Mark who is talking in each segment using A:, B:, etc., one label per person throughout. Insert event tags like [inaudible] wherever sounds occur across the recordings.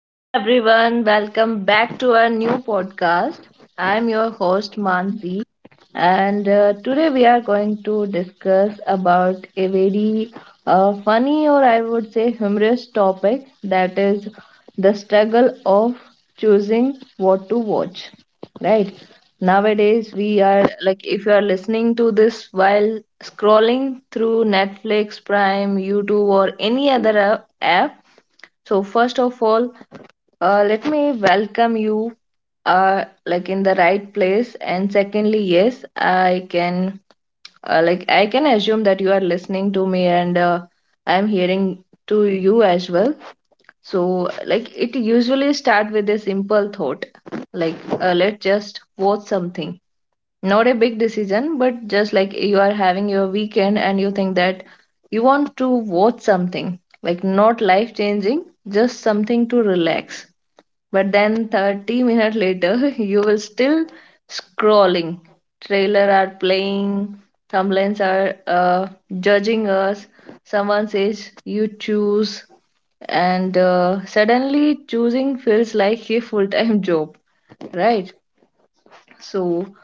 A: Hey everyone, welcome back to our new podcast. I'm your host Mansi, and today we are going to discuss about a very funny or I would say humorous topic that is the struggle of choosing what to watch. Right nowadays, we are like if you are listening to this while scrolling through Netflix, Prime, YouTube, or any other app so first of all, let me welcome you like in the right place. And secondly, yes, I can assume that you are listening to me and I'm hearing to you as well. So like it usually start with a simple thought, like let's just watch something not a big decision, but just like you are having your weekend and you think that you want to watch something, like not life changing, just something to relax. But then 30 minutes later, [laughs] you will still scrolling. Trailer are playing, thumbnails are judging us. Someone says you choose, and suddenly choosing feels like a full-time [laughs] job, right? So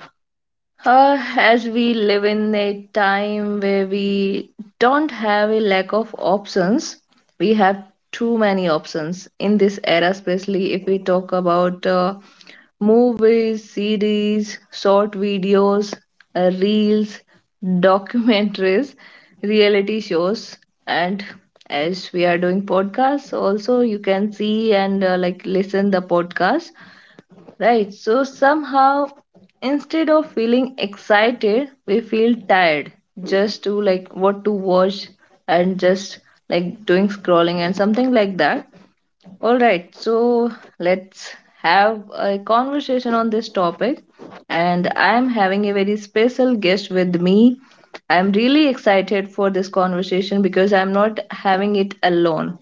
A: as we live in a time where we don't have a lack of options, we have too many options in this era, especially if we talk about movies, CDs, short videos, reels, [laughs] documentaries, reality shows, and as we are doing podcasts, also you can see and like listen the podcast. Right. So somehow, instead of feeling excited, we feel tired just to like what to watch and just like doing scrolling and something like that. All right. So let's have a conversation on this topic. And I am having a very special guest with me. I'm really excited for this conversation because I'm not having it alone.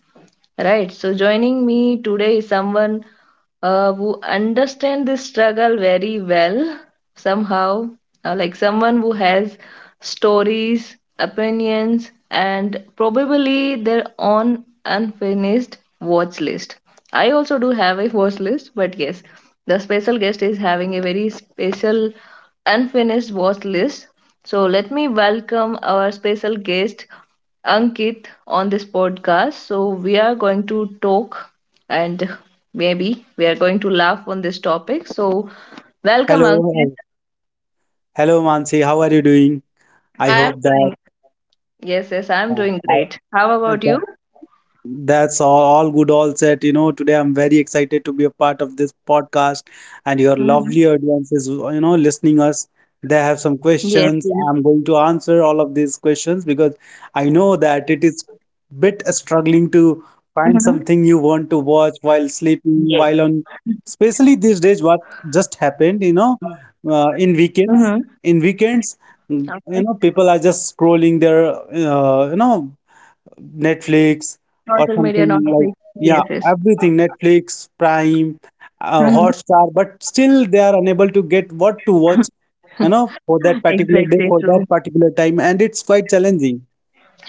A: Right. So joining me today is someone who understands this struggle very well somehow, like someone who has stories, opinions, and probably their own unfinished watch list. I also do have a watch list, but yes, the special guest is having a very special unfinished watch list. So let me welcome our special guest, Ankit, on this podcast. So, we are going to talk and maybe we are going to laugh on this topic. So, welcome, Ankit.
B: Hello, hello Mansi, how are you doing? I
A: I am
B: hope that
A: doing, yes, yes, I am
B: uh,
A: doing
B: I,
A: great. How about
B: that
A: you?
B: That's all good, all set. Today I'm very excited to be a part of this podcast and your
A: Mhm.
B: lovely audiences, listening us. They have
A: Yes,
B: some
A: yes.
B: questions. I'm going to answer all of these questions because I know that it is bit
A: Mhm.
B: struggling to find something you want to
A: Yes.
B: watch while sleeping, while on, especially these days, what just happened
A: Hmm.
B: uh, in weekends, in
A: Okay.
B: weekends, people are just scrolling their, Netflix
A: Social
B: or
A: media, not
B: something
A: like,
B: like
A: yes,
B: yeah,
A: yes.
B: everything Netflix, Prime,
A: Mhm.
B: Hotstar, but still they are unable to get what to watch,
A: [laughs]
B: you know, for that particular day,
A: Exactly
B: for that
A: true.
B: particular time, and it's quite challenging.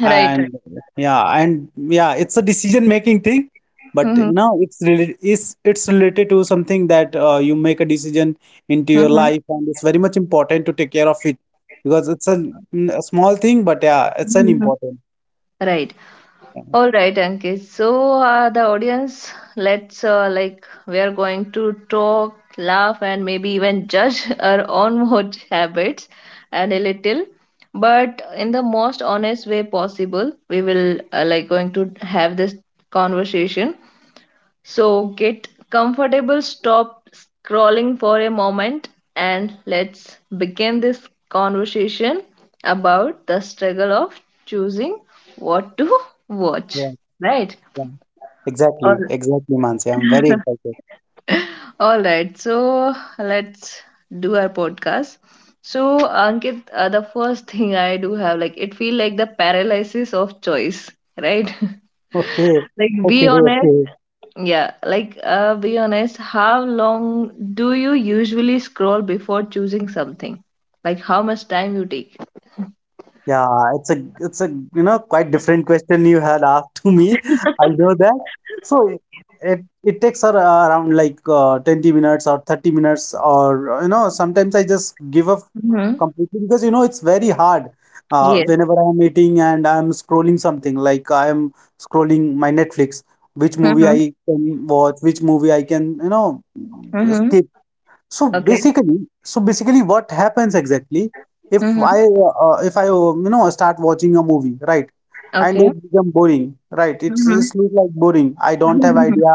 A: Right. Right.
B: And yeah, and yeah, it's a decision making thing, but
A: Mm-hmm.
B: you know, it's related to something that you make a decision into your
A: Mm-hmm.
B: life, and it's very much important to take care of it because it's a small thing, but yeah, it's an important.
A: Right. All right, Ankit. So, the audience, let's like we are going to talk, laugh, and maybe even judge [laughs] our own watch habits and a little, but in the most honest way possible. We will like going to have this conversation so get comfortable, stop scrolling for a moment, and let's begin this conversation about the struggle of choosing what to watch.
B: Yeah.
A: Right?
B: Yeah. Exactly,
A: All,
B: exactly, Mansi. I'm very excited.
A: all right. So let's do our podcast. So Ankit, the first [laughs] thing I do have like it feel like the paralysis of choice, right?
B: Okay,
A: [laughs] Like be
B: okay,
A: honest.
B: okay.
A: Yeah, like be honest, how long do you usually scroll before choosing something? Like how much time you take?
B: Yeah, it's a quite different question you had asked to me. [laughs] I know that. So it takes her around like 20 minutes or 30 minutes, sometimes I just give up
A: Mm-hmm.
B: completely because you know it's very hard.
A: Yes.
B: Whenever I'm eating and I'm scrolling something, like I'm scrolling my Netflix, which movie
A: Mm-hmm.
B: I can watch, which movie I can,
A: Mm-hmm.
B: skip. So
A: Okay.
B: basically, so basically, what happens exactly
A: Mm-hmm.
B: if I you know start watching a movie, right? And
A: Okay.
B: it become boring, right? It's
A: Mm-hmm.
B: it's look like boring. I don't have
A: Mm-hmm.
B: idea.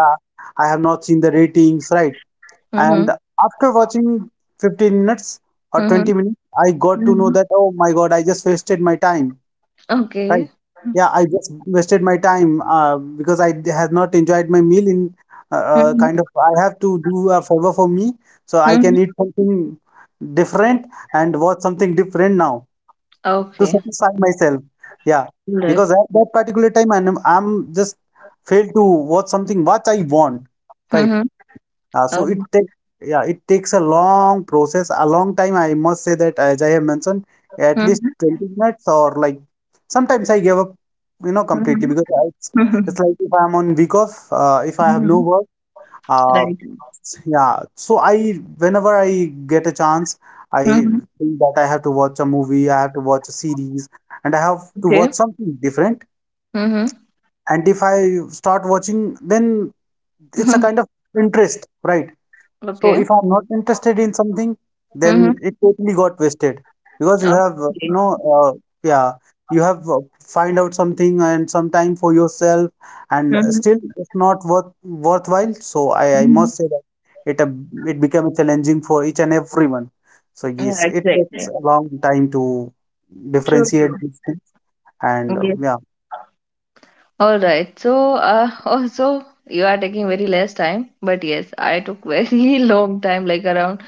B: I have not seen the ratings, right?
A: Mm-hmm.
B: And after watching 15 minutes or 20 minutes, I got to know
A: Hmm.
B: that oh my God, I just wasted my time. Right.
A: Okay.
B: Yeah, I just wasted my time because has not enjoyed my meal in
A: Mm-hmm.
B: kind of I have to do a favor for me so I can
A: Mm-hmm.
B: eat something different and watch something different now to
A: Okay.
B: satisfy myself. Yeah,
A: Right.
B: because at that particular time I'm just failed to watch something what I want. Right.
A: Mm-hmm.
B: So it
A: Um,
B: takes a long process a long time, I must say that, as I have mentioned at
A: hmm.
B: least 20 minutes, or like sometimes I give up
A: Mm-hmm.
B: completely because I, it's,
A: Mm-hmm.
B: it's like, if I'm on week off if I have no
A: Mm-hmm.
B: work uh,
A: Right.
B: yeah, so I whenever I get a chance, I
A: Mm-hmm.
B: think that I have to watch a movie, I have to watch a series, and I have to
A: Okay.
B: watch something different,
A: Mm-hmm.
B: and if I start watching, then it's a kind
A: [laughs]
B: of interest, right, so
A: Okay.
B: if I'm not interested in something,
A: Mm-hmm.
B: then it totally got wasted because you have you
A: Okay.
B: know yeah you have find out something and some time for yourself, and
A: Mm-hmm.
B: still it's not worthwhile. So I
A: Mm-hmm.
B: must say that it uh, it became challenging for each and everyone. So
A: Yeah,
B: yes, it takes
A: exactly.
B: a long time to
A: True, true.
B: differentiate these things, and
A: Yes.
B: yeah,
A: All right. So, [laughs] also, you are taking very less time, but yes, I took very [laughs] long time, like around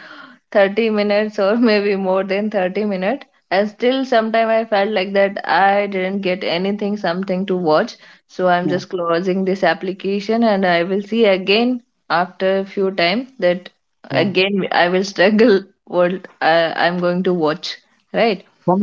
A: 30 minutes or maybe more than 30 minutes. And still, sometime I felt like that I didn't get anything, something to watch. So I'm
B: yeah,
A: just closing this application, and I will see again after a few time that
B: yeah.
A: again I will struggle [laughs] what I'm going to watch, right?
B: Some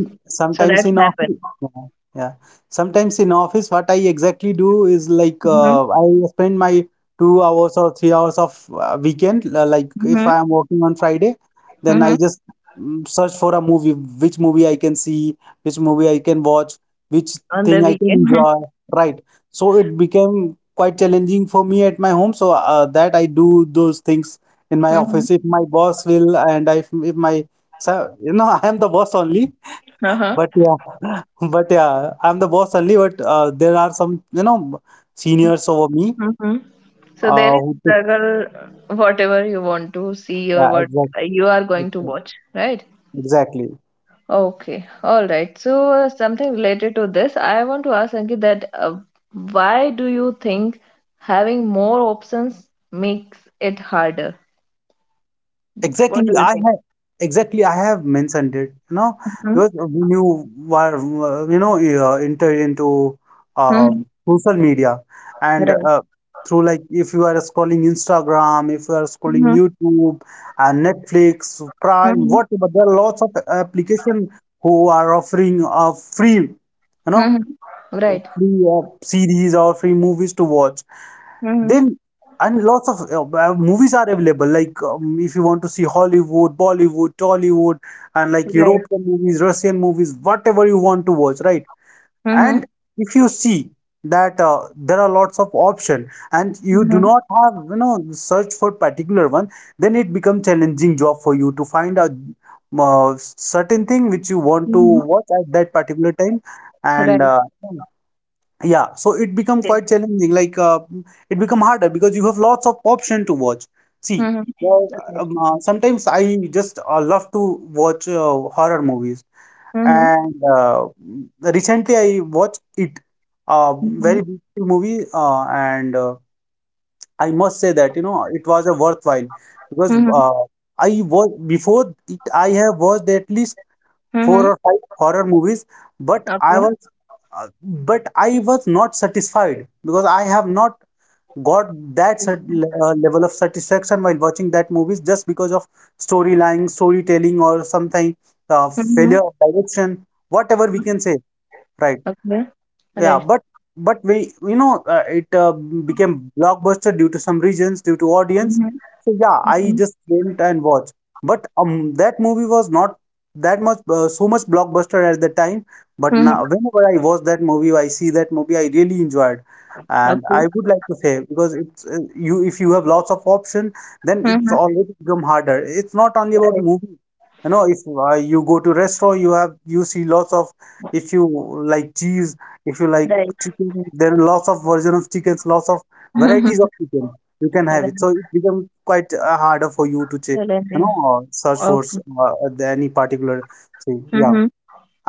A: So
B: sometimes
A: that
B: in
A: happened.
B: office, yeah, yeah. Sometimes in office, what I exactly do is like I spend my 2 hours or 3 hours of weekend. Like if
A: Mm-hmm.
B: I am working on Friday, then I
A: Mhm.
B: just search for a movie, which movie I can see, which movie I can watch, which
A: On the
B: thing I can
A: weekend. [laughs]
B: enjoy. Right. So it became quite challenging for me at my home. So that I do those things in my
A: Mhm.
B: office. If my boss will, and if my, so [laughs] I am the boss only.
A: Uh-huh.
B: But yeah, [laughs] but yeah, I'm the boss only. But there are some seniors over me.
A: hmm So there is
B: Who took,
A: struggle, whatever you want to see or
B: yeah,
A: what
B: exactly,
A: you are going to
B: exactly,
A: watch, right?
B: exactly.
A: Okay, all right. So something related to this, I want to ask Ankit that why do you think having more options makes it harder? What do
B: Exactly,
A: you
B: I
A: think?
B: have exactly, I have mentioned it,
A: Mhm.
B: because when you were you know you enter into uh,
A: Mhm.
B: social media and
A: Right.
B: through, like if you are scrolling Instagram, if you are scrolling
A: Mhm.
B: YouTube and Netflix, Prime,
A: Mhm.
B: whatever, there are lots of application who are offering know,
A: Mhm. Right.
B: free series or free movies to watch.
A: Mhm.
B: Then and lots of movies are available. Like if you want to see Hollywood, Bollywood, Tollywood, and like
A: Right.
B: European movies, Russian movies, whatever you want to watch, right?
A: Mhm.
B: And if you see that there are lots of option and you do
A: Mhm.
B: not have search for particular one, then it becomes challenging job for you to find a certain thing which you want to
A: Mhm.
B: watch at that particular time, and
A: Right.
B: yeah, so it become quite challenging. Like it become harder because you have lots of option to watch. See,
A: Mhm.
B: well,
A: Okay.
B: sometimes I just love to watch horror movies,
A: Mhm.
B: and recently I watched it, a
A: Mhm.
B: very beautiful movie, and I must say that it was a worthwhile, because
A: Mhm.
B: I was before it I have watched at least four
A: Mhm.
B: or five horror movies, but I
A: Okay.
B: was but I was not satisfied because I have not got that level of satisfaction while watching that movies, just because of storyline, storytelling, or something failure
A: Mhm.
B: of direction, whatever we can say, right?
A: Okay.
B: Yeah,
A: Right.
B: but we you know it became blockbuster due to some reasons, due to audience.
A: Mhm.
B: So yeah, I
A: Mhm.
B: just went and watched. But that movie was not that much so much blockbuster at the time. But
A: Mhm.
B: now, whenever I see that movie, I really enjoyed. And
A: Okay.
B: I would like to say, because it's you if you have lots of option, then it's
A: Mhm.
B: always become harder. It's not only about
A: Right.
B: movie. If you go to restaurant, you have you see lots of if you like cheese, if you like
A: Right.
B: chicken, there are lots of version of chickens, lots of varieties of
A: [laughs]
B: chicken you can
A: Right.
B: have
A: Right.
B: it. So it becomes quite harder for you to check, you
A: Challenging.
B: know, uh, search for
A: Okay.
B: any particular thing. Yeah,
A: Mhm.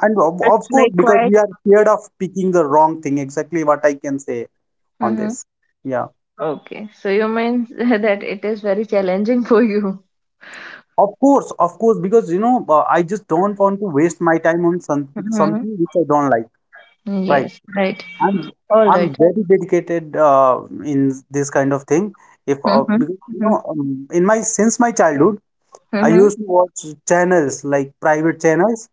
B: and of
A: It's
B: of course,
A: like
B: because
A: quite.
B: we are scared of picking the wrong thing. Exactly what I can say on
A: Mhm.
B: this. Yeah.
A: Okay. So you mean [laughs] that it is very challenging for you.
B: Of course, because I just don't want to waste my time on
A: Mhm.
B: something which I don't like, right?
A: Yes. Right.
B: I'm
A: All
B: I'm
A: right.
B: very dedicated in this kind of thing. If
A: Mhm.
B: Because
A: Mhm.
B: in my since my childhood, I
A: Mhm.
B: used to watch channels like private channels,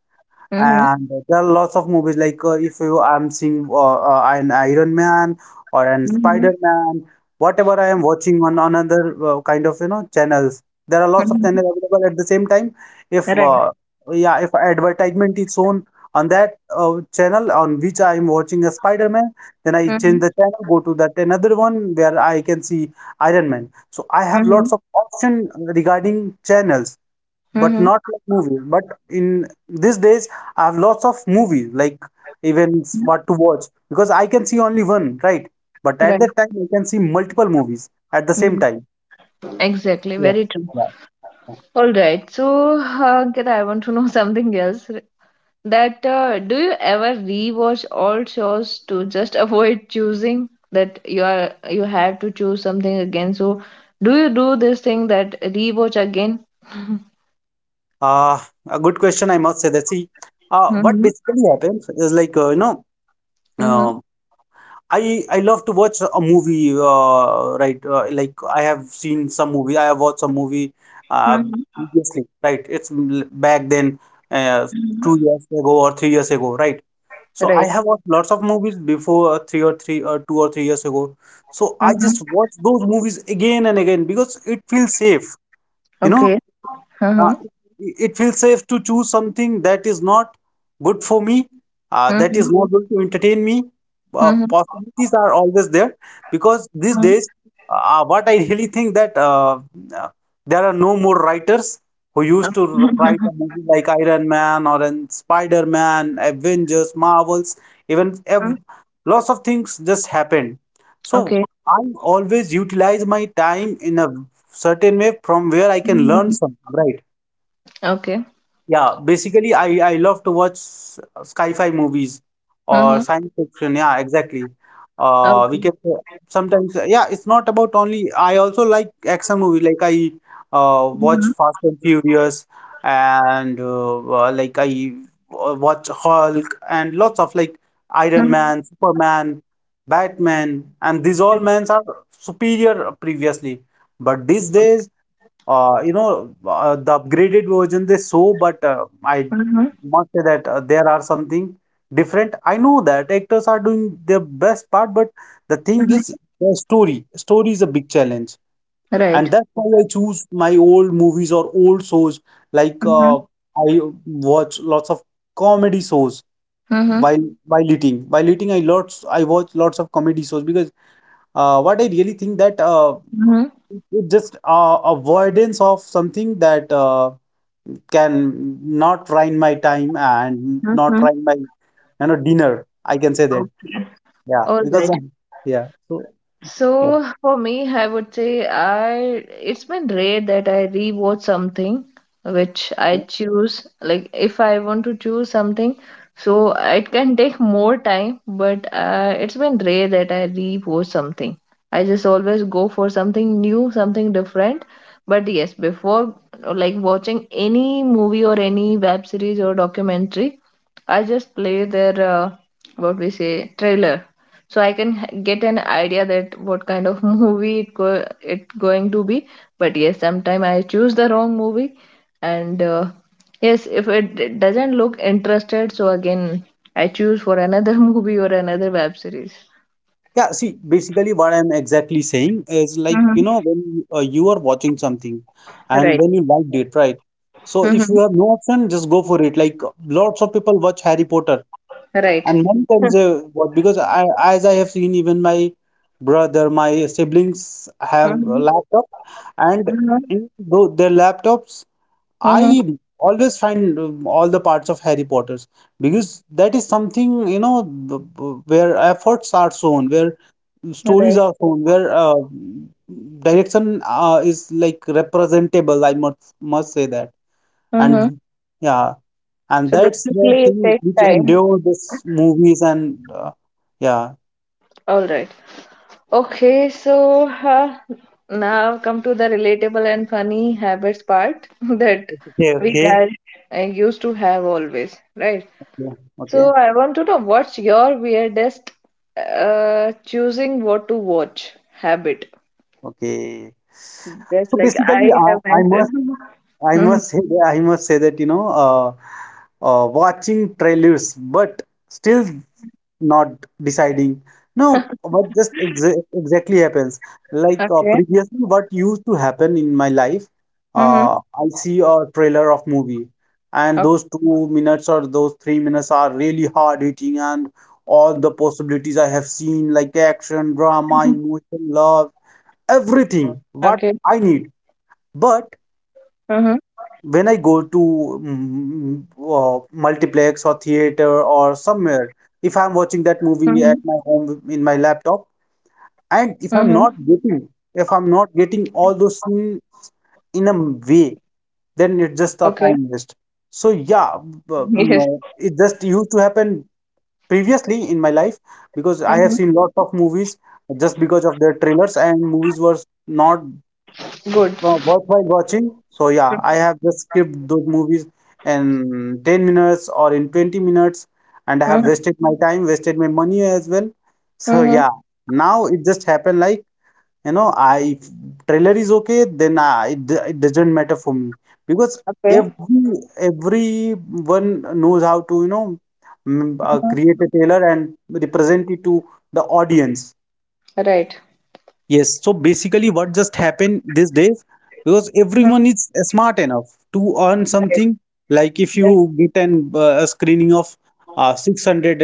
A: Mhm.
B: and there are lots of movies, like if you I'm seeing an Iron Man or an
A: Mhm.
B: Spider-Man, whatever I am watching on another kind of channels. There are lots of
A: Mhm.
B: channels available at the same time. If
A: Right.
B: uh, yeah, if advertisement is shown on that channel on which I am watching a Spider-Man, then I change
A: Mhm.
B: the channel, go to that another one where I can see Iron Man. So I have
A: Mhm.
B: lots of option regarding channels but
A: Mhm.
B: not like movies. But in these days, I have lots of movies, like events, what to watch, because I can see only one, right? But at
A: Right.
B: that time, I can see multiple movies at the same time.
A: Exactly,
B: Yeah,
A: very true.
B: yeah, yeah.
A: All right, so Ankit, I want to know [laughs] something else. That do you ever rewatch all shows to just [laughs] avoid choosing that you have to choose something again? So do you do this thing that rewatch again?
B: Uh, a good question, I must say that. See, what
A: Mm-hmm.
B: basically happens is like,
A: Mm-hmm.
B: uh, I love to watch a movie, right? Like I have seen some movie. I have watched some movie, uh,
A: Mm-hmm.
B: previously, right? Back then, uh,
A: Hmm.
B: 2 years ago or 3 years ago, right? So I
A: Right.
B: have watched lots of movies before 3 or 3 or 2 or 3 years ago. So I
A: Mm-hmm.
B: just watch those movies again and again because it feels safe, you
A: Okay.
B: know uh,
A: Mm-hmm.
B: to choose something that is not good for me, that
A: Mm-hmm.
B: is not going to entertain me.
A: Mm-hmm.
B: Possibilities are always there because these days, what I really think that uh, there are no more writers who used to write
A: Mm-hmm.
B: a movie like Iron Man or an Spider-Man, Avengers, Marvels, even ev
A: [laughs]
B: lots of things just happened. So
A: Okay.
B: I always utilize my time in a certain way from where I can learn
A: Mm-hmm.
B: something, right?
A: Okay.
B: Yeah, basically, I love to watch sci-fi movies
A: Mm-hmm.
B: or science fiction. Yeah, exactly. We
A: Okay.
B: can say sometimes. Yeah, it's not about only. I also like action movies. Like I watch Fast and Furious, and like I watch Hulk and lots of like Iron Man, Superman, Batman, and these all men are superior previously. But these days, the upgraded version they show, but I
A: Mm-hmm.
B: must say that there are something different. I know that actors are doing their best part, but the thing is,
A: Mhm.
B: the story. Story is a big challenge,
A: Right.
B: and that's why I choose my old movies or old shows.
A: Mhm.
B: I watch lots of comedy shows
A: Mm-hmm.
B: while eating. While eating, I watch lots of comedy shows because what I really think that
A: Mm-hmm.
B: it- just avoidance of something that can not ruin my time and not
A: Mhm.
B: ruin my dinner. I can say that.
A: Okay.
B: Yeah,
A: All
B: because I
A: right.
B: yeah. So yeah,
A: So for me, I would say I it's been rare that I rewatch something which I
B: yeah.
A: choose. Like if I want to choose something, so it can take more time, but it's been rare that I rewatch something. I just always go for something new, something different. But yes, before like watching any movie or any web series or documentary, I just play their what we say trailer so I can get an idea that what kind of [laughs] movie it going to be. But yes, sometime I choose the wrong movie, and yes, if it doesn't look interested, so again I choose for another [laughs] movie or another web series.
B: Yeah, see, basically what I'm exactly saying is like,
A: Mm-hmm.
B: you know, you are watching something and
A: Right.
B: when you liked it, right? So if
A: Mm-hmm.
B: you have no option, just go for it. Like lots of people watch Harry Potter
A: Right.
B: and many times they watch because as I have seen, even my brother, my siblings have a
A: Mm-hmm.
B: laptop, and
A: Mm-hmm.
B: in their laptops I always find all the parts of Harry Potter's, because that is something you know where efforts are shown, where stories
A: Right.
B: are shown, where direction is like representable. I must say that,
A: Mm-hmm.
B: and yeah, and
A: So
B: that's the
A: basically, it
B: thing
A: takes
B: which
A: time.
B: endure this movies yeah,
A: All right. Okay, so now come to the relatable and funny habits part [laughs] that
B: Okay,
A: we guys used to have always, right?
B: yeah,
A: So
B: okay,
A: I want to know what's your weirdest choosing what to watch habit?
B: okay.
A: Just
B: So
A: like
B: basically,
A: I have mentioned. [laughs]
B: I
A: Mhm.
B: must say, I must say that watching trailers, but still not deciding. No,
A: [laughs]
B: what just exactly happens? Like
A: Okay.
B: previously, what used to happen in my life,
A: Mm-hmm.
B: I see a trailer of movie, and those 2 minutes or those 3 minutes are really hard hitting, and all the possibilities I have seen, like action, drama, emotion, love,
A: Okay.
B: everything what I need.
A: Mm-hmm.
B: But when I go to mm, mm, multiplex or theater or somewhere, if I'm watching
A: Mm-hmm.
B: that movie at my home in my laptop,
A: Mm-hmm.
B: and if I'm not getting all those things in a way, then
A: Okay.
B: it's just a time waste. So yeah,
A: Yes.
B: it just used to happen previously in my life because I have
A: Mm-hmm.
B: seen lots of movies just because of their trailers, and movies were not,
A: Good.
B: well, worthwhile watching. So yeah, I have just skipped those movies in 10 minutes or in 20 minutes, and I have
A: Mm-hmm.
B: wasted my time, wasted my money as well. So
A: Mm-hmm.
B: yeah, now it just happened like you know, I if trailer is okay, then it doesn't matter for me because
A: Okay.
B: every everyone knows how to you know
A: Mm-hmm.
B: create a trailer and represent it to the audience.
A: Right.
B: Yes, so basically, what just happened these days, because everyone
A: Mm.
B: is smart enough to earn
A: Right,
B: something. Like if
A: right,
B: you get an a screening of 600,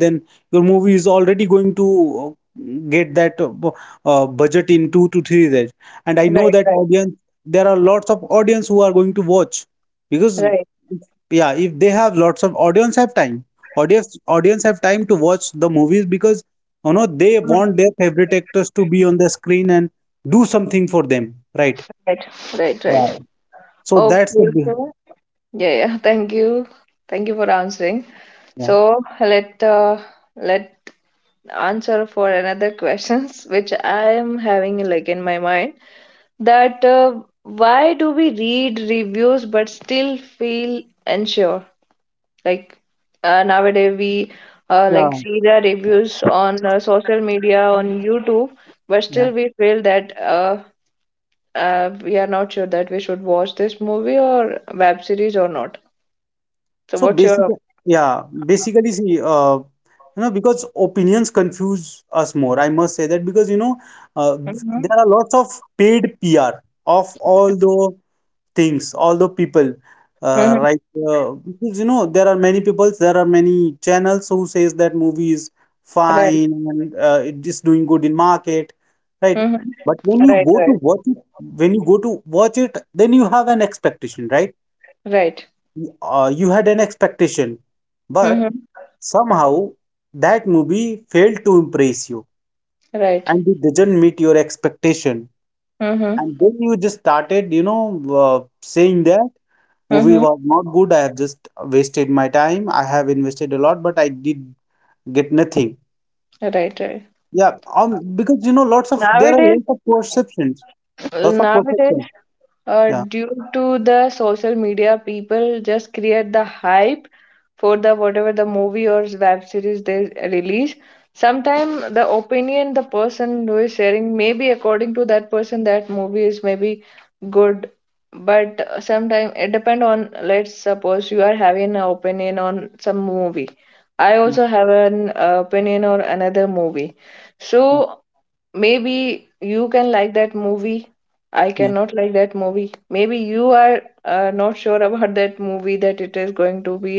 B: then your movie is already going to uh, get that budget in 2 to 3 days. And I know
A: right,
B: that
A: right,
B: audience, there are lots of audience who are going to watch because,
A: right.
B: yeah, if they have lots of audience have time, audience audience have time to watch the movies because you know, they want
A: Mm.
B: their favorite actors to be on the screen and do something for them, right?
A: Right, right,
B: Yeah.
A: right.
B: So that's the
A: Okay,
B: big-
A: so yeah, yeah. Thank you for answering.
B: yeah.
A: So let answer for another questions [laughs] which I am having like in my mind that why do we read reviews but still feel unsure? Like nowadays we like
B: Yeah.
A: see the reviews on social media
B: I-
A: on YouTube, but
B: Yeah.
A: still we feel that we are not sure that we should watch this movie or web series or not. So
B: So
A: what's your
B: basically, yeah, basically, see, uh, you know, because opinions confuse us more. I must say that because you know, uh, there are
A: Mm-hmm.
B: lots of paid PR of all the things, all the people,
A: Mm-hmm.
B: right? Because you know there are many people, there are many channels who says that movie is
A: Right.
B: fine and it is doing good in market, right?
A: Mm-hmm.
B: But
A: Right. Right.
B: when you go to watch it, then you have an expectation, right?
A: Right.
B: You had an expectation, but
A: Mm-hmm.
B: somehow that movie failed to impress you
A: Right.
B: and it didn't meet your expectation.
A: Mm-hmm.
B: And then you just started, you know, saying that. Movie
A: Mm-hmm.
B: was not good. I have just wasted my time. I have invested a lot, but I did get nothing.
A: Right. Right.
B: Yeah, because you know, lots of there are
A: nowadays
B: lots of perceptions, lots of
A: nowadays
B: perceptions. Yeah,
A: due to the social media, people just create the hype for the whatever the movie or web series they release. Sometimes the opinion the person who is sharing, maybe according to that person that movie is maybe good, but sometime it depend on, let's suppose you are having an opinion on some movie, I
B: yeah,
A: also have an opinion on another movie, so
B: yeah,
A: maybe you can like that movie, I
B: yeah.
A: cannot like that movie. Maybe you are not sure about [laughs] that movie that it is going to be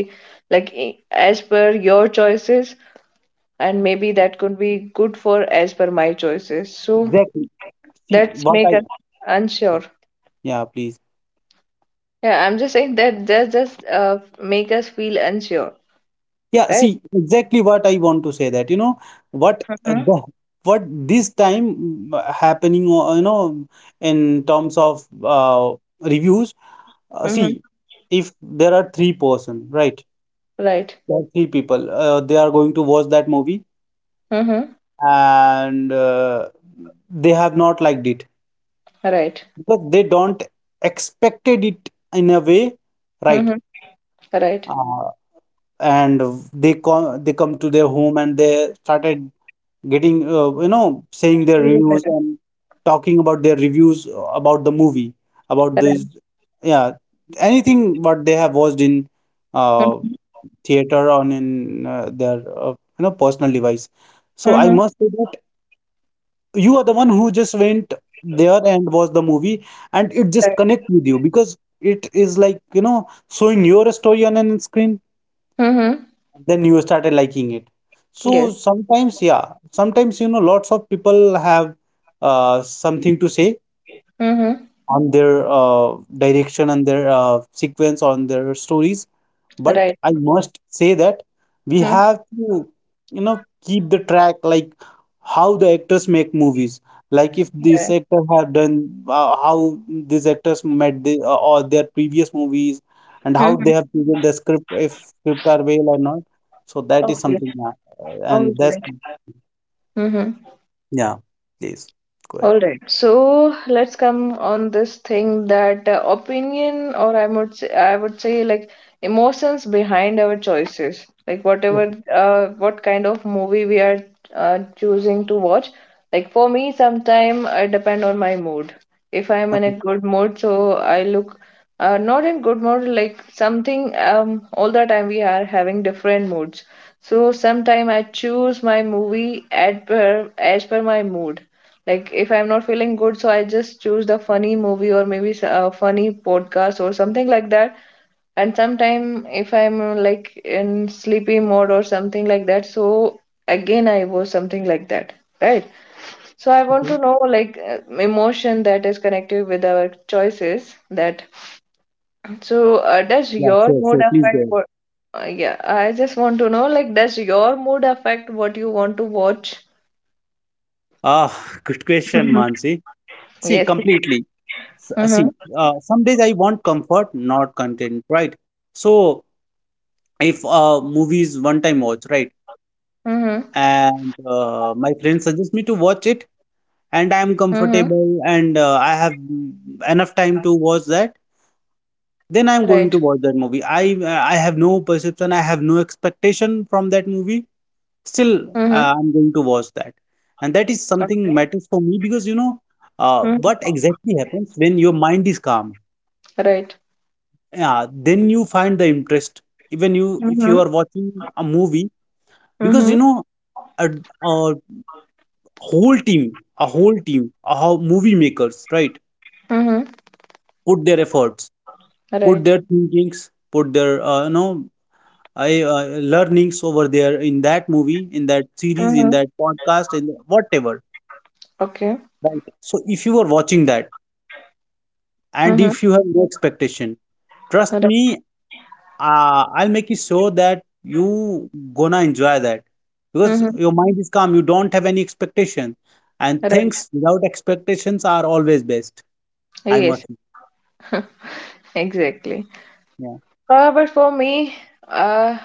A: like, as per your choices, and maybe that could be good for as per my choices, so
B: Exactly. See
A: that's
B: what
A: make
B: I.
A: us unsure.
B: Yeah, please.
A: Yeah, I'm just saying that just make us feel unsure,
B: Yeah,
A: right.
B: see exactly what I want to say. That you know what
A: mm-hmm.
B: the what this time happening. You know, in terms of reviews. Uh,
A: Mm-hmm.
B: see, if there are three-person, right?
A: right
B: There are three people. They are going to watch that movie
A: mm-hmm.
B: and they have not liked it
A: right
B: because they don't expected it in a way, right?
A: mm-hmm. right
B: Uh, and they come to their home and they started getting you know saying their reviews
A: Mhm.
B: and talking about their reviews about the movie about
A: right
B: this, yeah, anything what they have watched in uh,
A: mm-hmm.
B: theater on in their you know personal device. So I
A: Mm-hmm.
B: must say that you are the one who just went there and watched the movie, and it just
A: right
B: connect with you because it is like you know showing your story on an screen.
A: Mhm.
B: Then you started liking it. So
A: Yes.
B: sometimes, yeah, sometimes you know lots of people have something to say
A: Mm-hmm.
B: on their direction, on their sequence, on their stories. But
A: Right.
B: I must say that we
A: Mm-hmm.
B: have to, you know, keep the track like how the actors make movies. Like if this
A: Yeah.
B: actor have done how these actors met the, or their previous movies and how
A: Mm-hmm.
B: they have chosen the script, if script are well or not. So that is
A: Okay.
B: something, yeah.
A: All
B: And that's
A: right. Mm-hmm.
B: yeah. Please go ahead.
A: All right, so let's come on this thing that opinion, or I would say like emotions behind our choices, like whatever,
B: Okay.
A: what kind of movie we are choosing to watch. Like for me, sometime I depend on my mood. If I'm in a
B: Okay.
A: good mood, so I look not in good mood, like something. All the time we are having different moods. So sometime I choose my movie at per as per my mood like if I'm not feeling good, so I just choose the funny movie or maybe a funny podcast or something like that. And sometime if I'm like in sleepy mode or something like that, so again I watch something like that, right? So I want
B: Okay.
A: to know like emotion that is connected with our choices that so does
B: Yeah.
A: your
B: Sure.
A: mood
B: Sure. Please go
A: affect
B: ahead.
A: what yeah, I just want to know like does your mood affect what you want to watch?
B: Ah, good question,
A: [laughs]
B: Mansi. See,
A: Yes.
B: completely.
A: Mm-hmm.
B: See some days I want comfort not content, right? So if a movie is one time watch, right,
A: Mm-hmm.
B: and my friend suggests me to watch it and
A: Mm-hmm.
B: I am comfortable and I have enough time to watch that,
A: Right.
B: then I am going to watch that movie. I have no perception, I have no expectation from that movie, still
A: Mhm.
B: I'm going to watch that. And that is
A: Okay.
B: something matters for me because you know
A: Mm.
B: what exactly happens when your mind is calm,
A: Right.
B: yeah, then you find the interest, even you if you
A: Mhm.
B: are watching a movie, because you
A: Mhm.
B: know a, a whole team, a movie makers, right,
A: Mhm.
B: put their efforts, put
A: Right.
B: their thinkings, put their you know I, uh, learnings over there in that movie, in that series, in
A: Mhm.
B: that podcast, in whatever,
A: Okay.
B: right? So if you are watching that and
A: Mhm.
B: if you have no expectation, trust
A: Right.
B: me, I'll make you sure that you gonna enjoy that, because
A: Mhm.
B: your mind is calm. You don't have any expectation, and
A: Right.
B: things without expectations are always best. I
A: Yes.
B: must say.
A: [laughs] Exactly.
B: Yeah.
A: But for me, uh,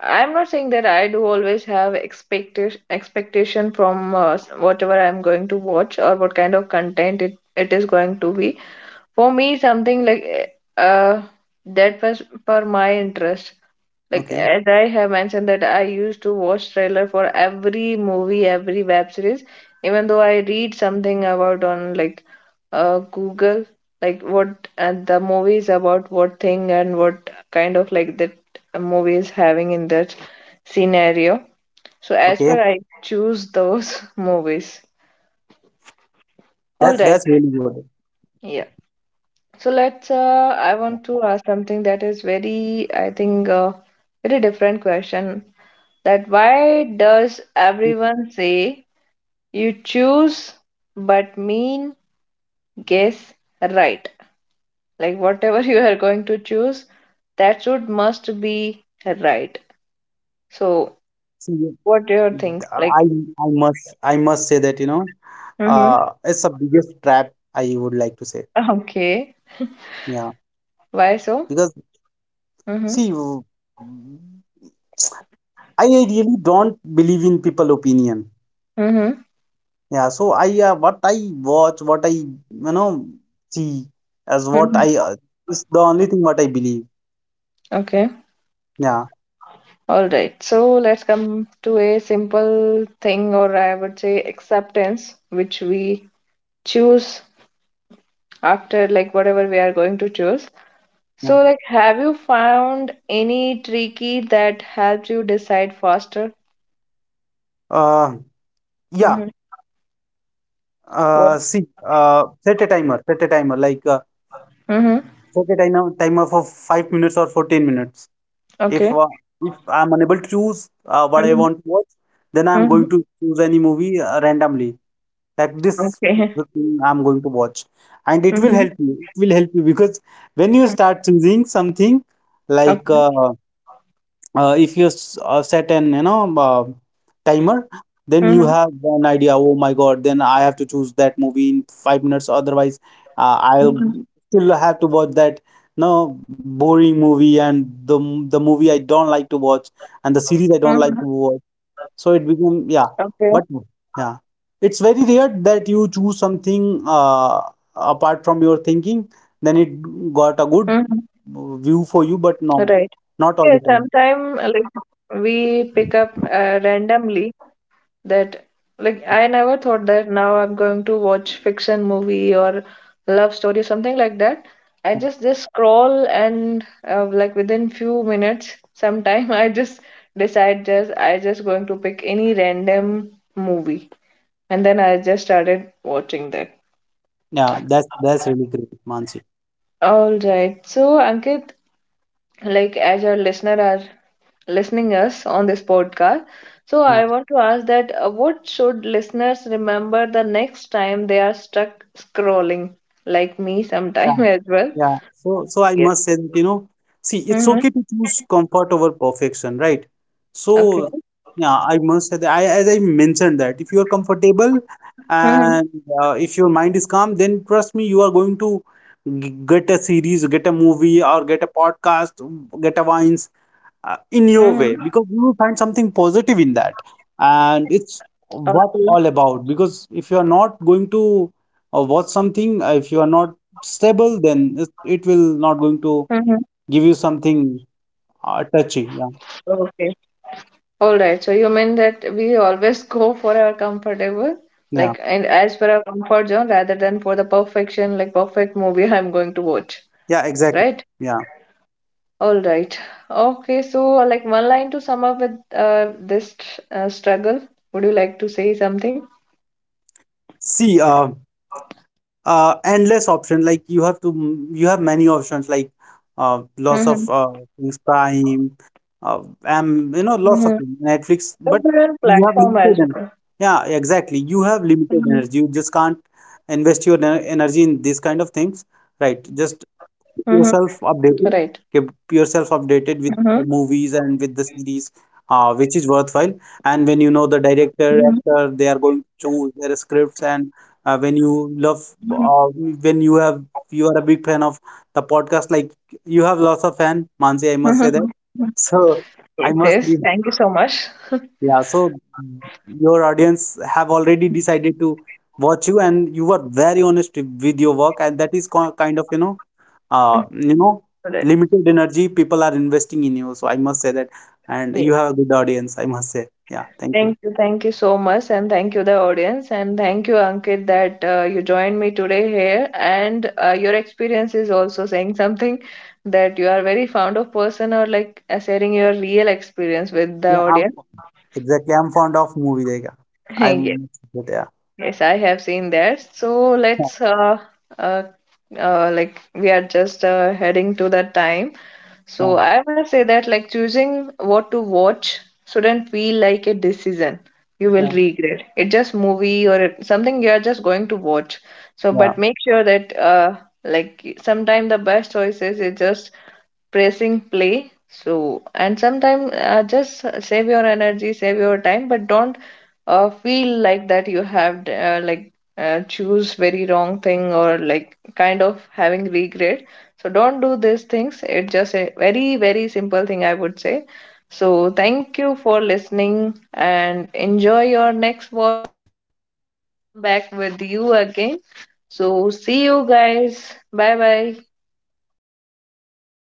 A: I'm not saying that I do always have expectation from whatever I'm going to watch or what kind of content it is going to be. For me, something like that was for my interest. Like
B: Okay.
A: as I have mentioned that I used to watch trailer for every movie, every web series, even though I read something about on like Google, like what the movie is about, what thing and what kind of like that movie is having in that scenario. So as
B: Okay.
A: per I choose those [laughs] movies. All right.
B: That's really good.
A: Yeah. So I
B: Yeah.
A: want to ask something that is very, I think, very different question. That why does
B: You
A: everyone say you choose but mean guess right? Like whatever [laughs] you are going to choose, that should must be right. So
B: See, you-
A: what do you think? Like,
B: I I must say that you know
A: mm-hmm.
B: it's the biggest trap I would like to say.
A: [laughs] Okay.
B: Yeah.
A: Why so?
B: Because
A: Mm-hmm.
B: see, you- I really don't believe in people opinion.
A: Mm-hmm.
B: Yeah, so I what I watch, what I you know see as what I
A: Mm-hmm.
B: is the only thing what I believe.
A: Okay.
B: Yeah,
A: All right, so let's come to a simple thing, or I would say acceptance, which we choose after like whatever we are going to choose.
B: yeah.
A: So, like, have you found any tricky that helps you decide faster?
B: Uh, yeah.
A: Mm-hmm. What?
B: Set a timer, like
A: Mm-hmm.
B: set a timer for 5 minutes or for 10 minutes. If
A: Okay.
B: uh, if I'm unable to choose what I
A: Mm-hmm.
B: want to watch, then I'm
A: Mm-hmm.
B: going to choose any movie randomly. Like this, is
A: Okay.
B: the thing I'm going to watch, and it will
A: Mm-hmm.
B: help you. It will help you because when you start choosing something like
A: Okay.
B: if you s- set an you know timer, then you have
A: Mm-hmm.
B: an idea, oh my god, then I have to choose that movie in 5 minutes, otherwise I'll
A: Mm-hmm.
B: still have to watch that no boring movie and the movie I don't like to watch and the series I don't like to
A: Mm-hmm.
B: watch, so it became yeah,
A: Okay.
B: but yeah, it's very rare that you choose something apart from your thinking, then it got a good
A: Mm-hmm.
B: view for you, but no,
A: Right.
B: not all
A: Yeah,
B: the time.
A: sometimes like we pick up randomly that like I never thought that now I'm going to watch fiction movie or love story or something like that. I just scroll and like within few minutes, sometime [laughs] I just decide just going to pick any random movie and then I just started watching that.
B: Yeah, that's really great, Mansi.
A: All right. So Ankit, like as our listener are listening us on this podcast. So
B: Yeah,
A: I want to ask that what should listeners remember the next time they are stuck scrolling, like me sometime
B: yeah,
A: [laughs] as well?
B: yeah. So so I
A: Yes.
B: must say that, you know, see, it's
A: Mm-hmm.
B: okay to choose comfort over perfection, right?
A: Okay.
B: So yeah, I must say that I as I mentioned that if you are comfortable
A: Mm-hmm.
B: and if your mind is calm, then trust me, you are going to get a series, get a movie, or get a podcast, get a wine, in your
A: Mm-hmm.
B: way because you will find something positive in that, and it's
A: Okay.
B: what all about, because if you are not going to watch something, if you are not stable, then it will not going
A: Mm-hmm.
B: to give you something touchy, yeah,
A: Okay. All right. So you mean that we always go for our comfortable,
B: yeah,
A: like, and as per our comfort zone rather than for the perfection, like perfect movie [laughs] I'm going to watch,
B: yeah exactly.
A: right?
B: Yeah,
A: All right. Okay, so like one line to sum up with this struggle, would you like to say something?
B: see endless option, like you have to you have many options, like
A: Mm-hmm.
B: lots of things, prime,
A: Mm-hmm.
B: you know lots of things,
A: Different
B: Netflix, but
A: platform as well.
B: you have limited energy. Yeah
A: Mm-hmm.
B: exactly, you have limited energy, you just can't invest your energy in these kind of things, right,
A: Mm-hmm.
B: just keep
A: Right.
B: yourself updated, keep
A: Mm-hmm.
B: yourself updated with the movies and with the series which is worthwhile, and when you know
A: Mm-hmm.
B: the director actor they are going to choose their scripts, and when you love when you have you are a big fan of the podcast, like you have lots of fan, Mansi, I must
A: Mm-hmm.
B: say that, so
A: Yes,
B: I
A: yes.
B: must be
A: Thank you so much. [laughs] All
B: yeah, so your audience have already decided to watch you, and you were very honest with your work, and that is kind of, you know, uh, you know,
A: right.
B: limited energy people are investing in you. So I must say that, and you have a good audience, I must say. Yeah, thank you.
A: Thank you so much, and thank you the audience, and thank you Ankit that you joined me today here, and your experience is also saying something that you are very fond of person or like sharing your real experience with the
B: Yeah, I'm
A: audience.
B: exactly. I'm fond of movie. Like,
A: [laughs] Yes.
B: I'm, yeah,
A: Yes, I have seen that. So let's
B: [laughs]
A: uh, like we are just heading to that time. So
B: yeah,
A: I must say that like choosing what to watch shouldn't feel like a decision you will
B: yeah,
A: regret. It's just movie or it- something you are just going to watch. So but
B: yeah.
A: make sure that like sometimes the best choices is just pressing play. So and sometimes just save your energy, save your time, but don't feel like that you have like choose very wrong thing or like kind of having regret, so don't do these things. It's just a very very simple thing I would say. So thank you for listening, and enjoy your next walk. Back with you again. So see you guys, bye bye.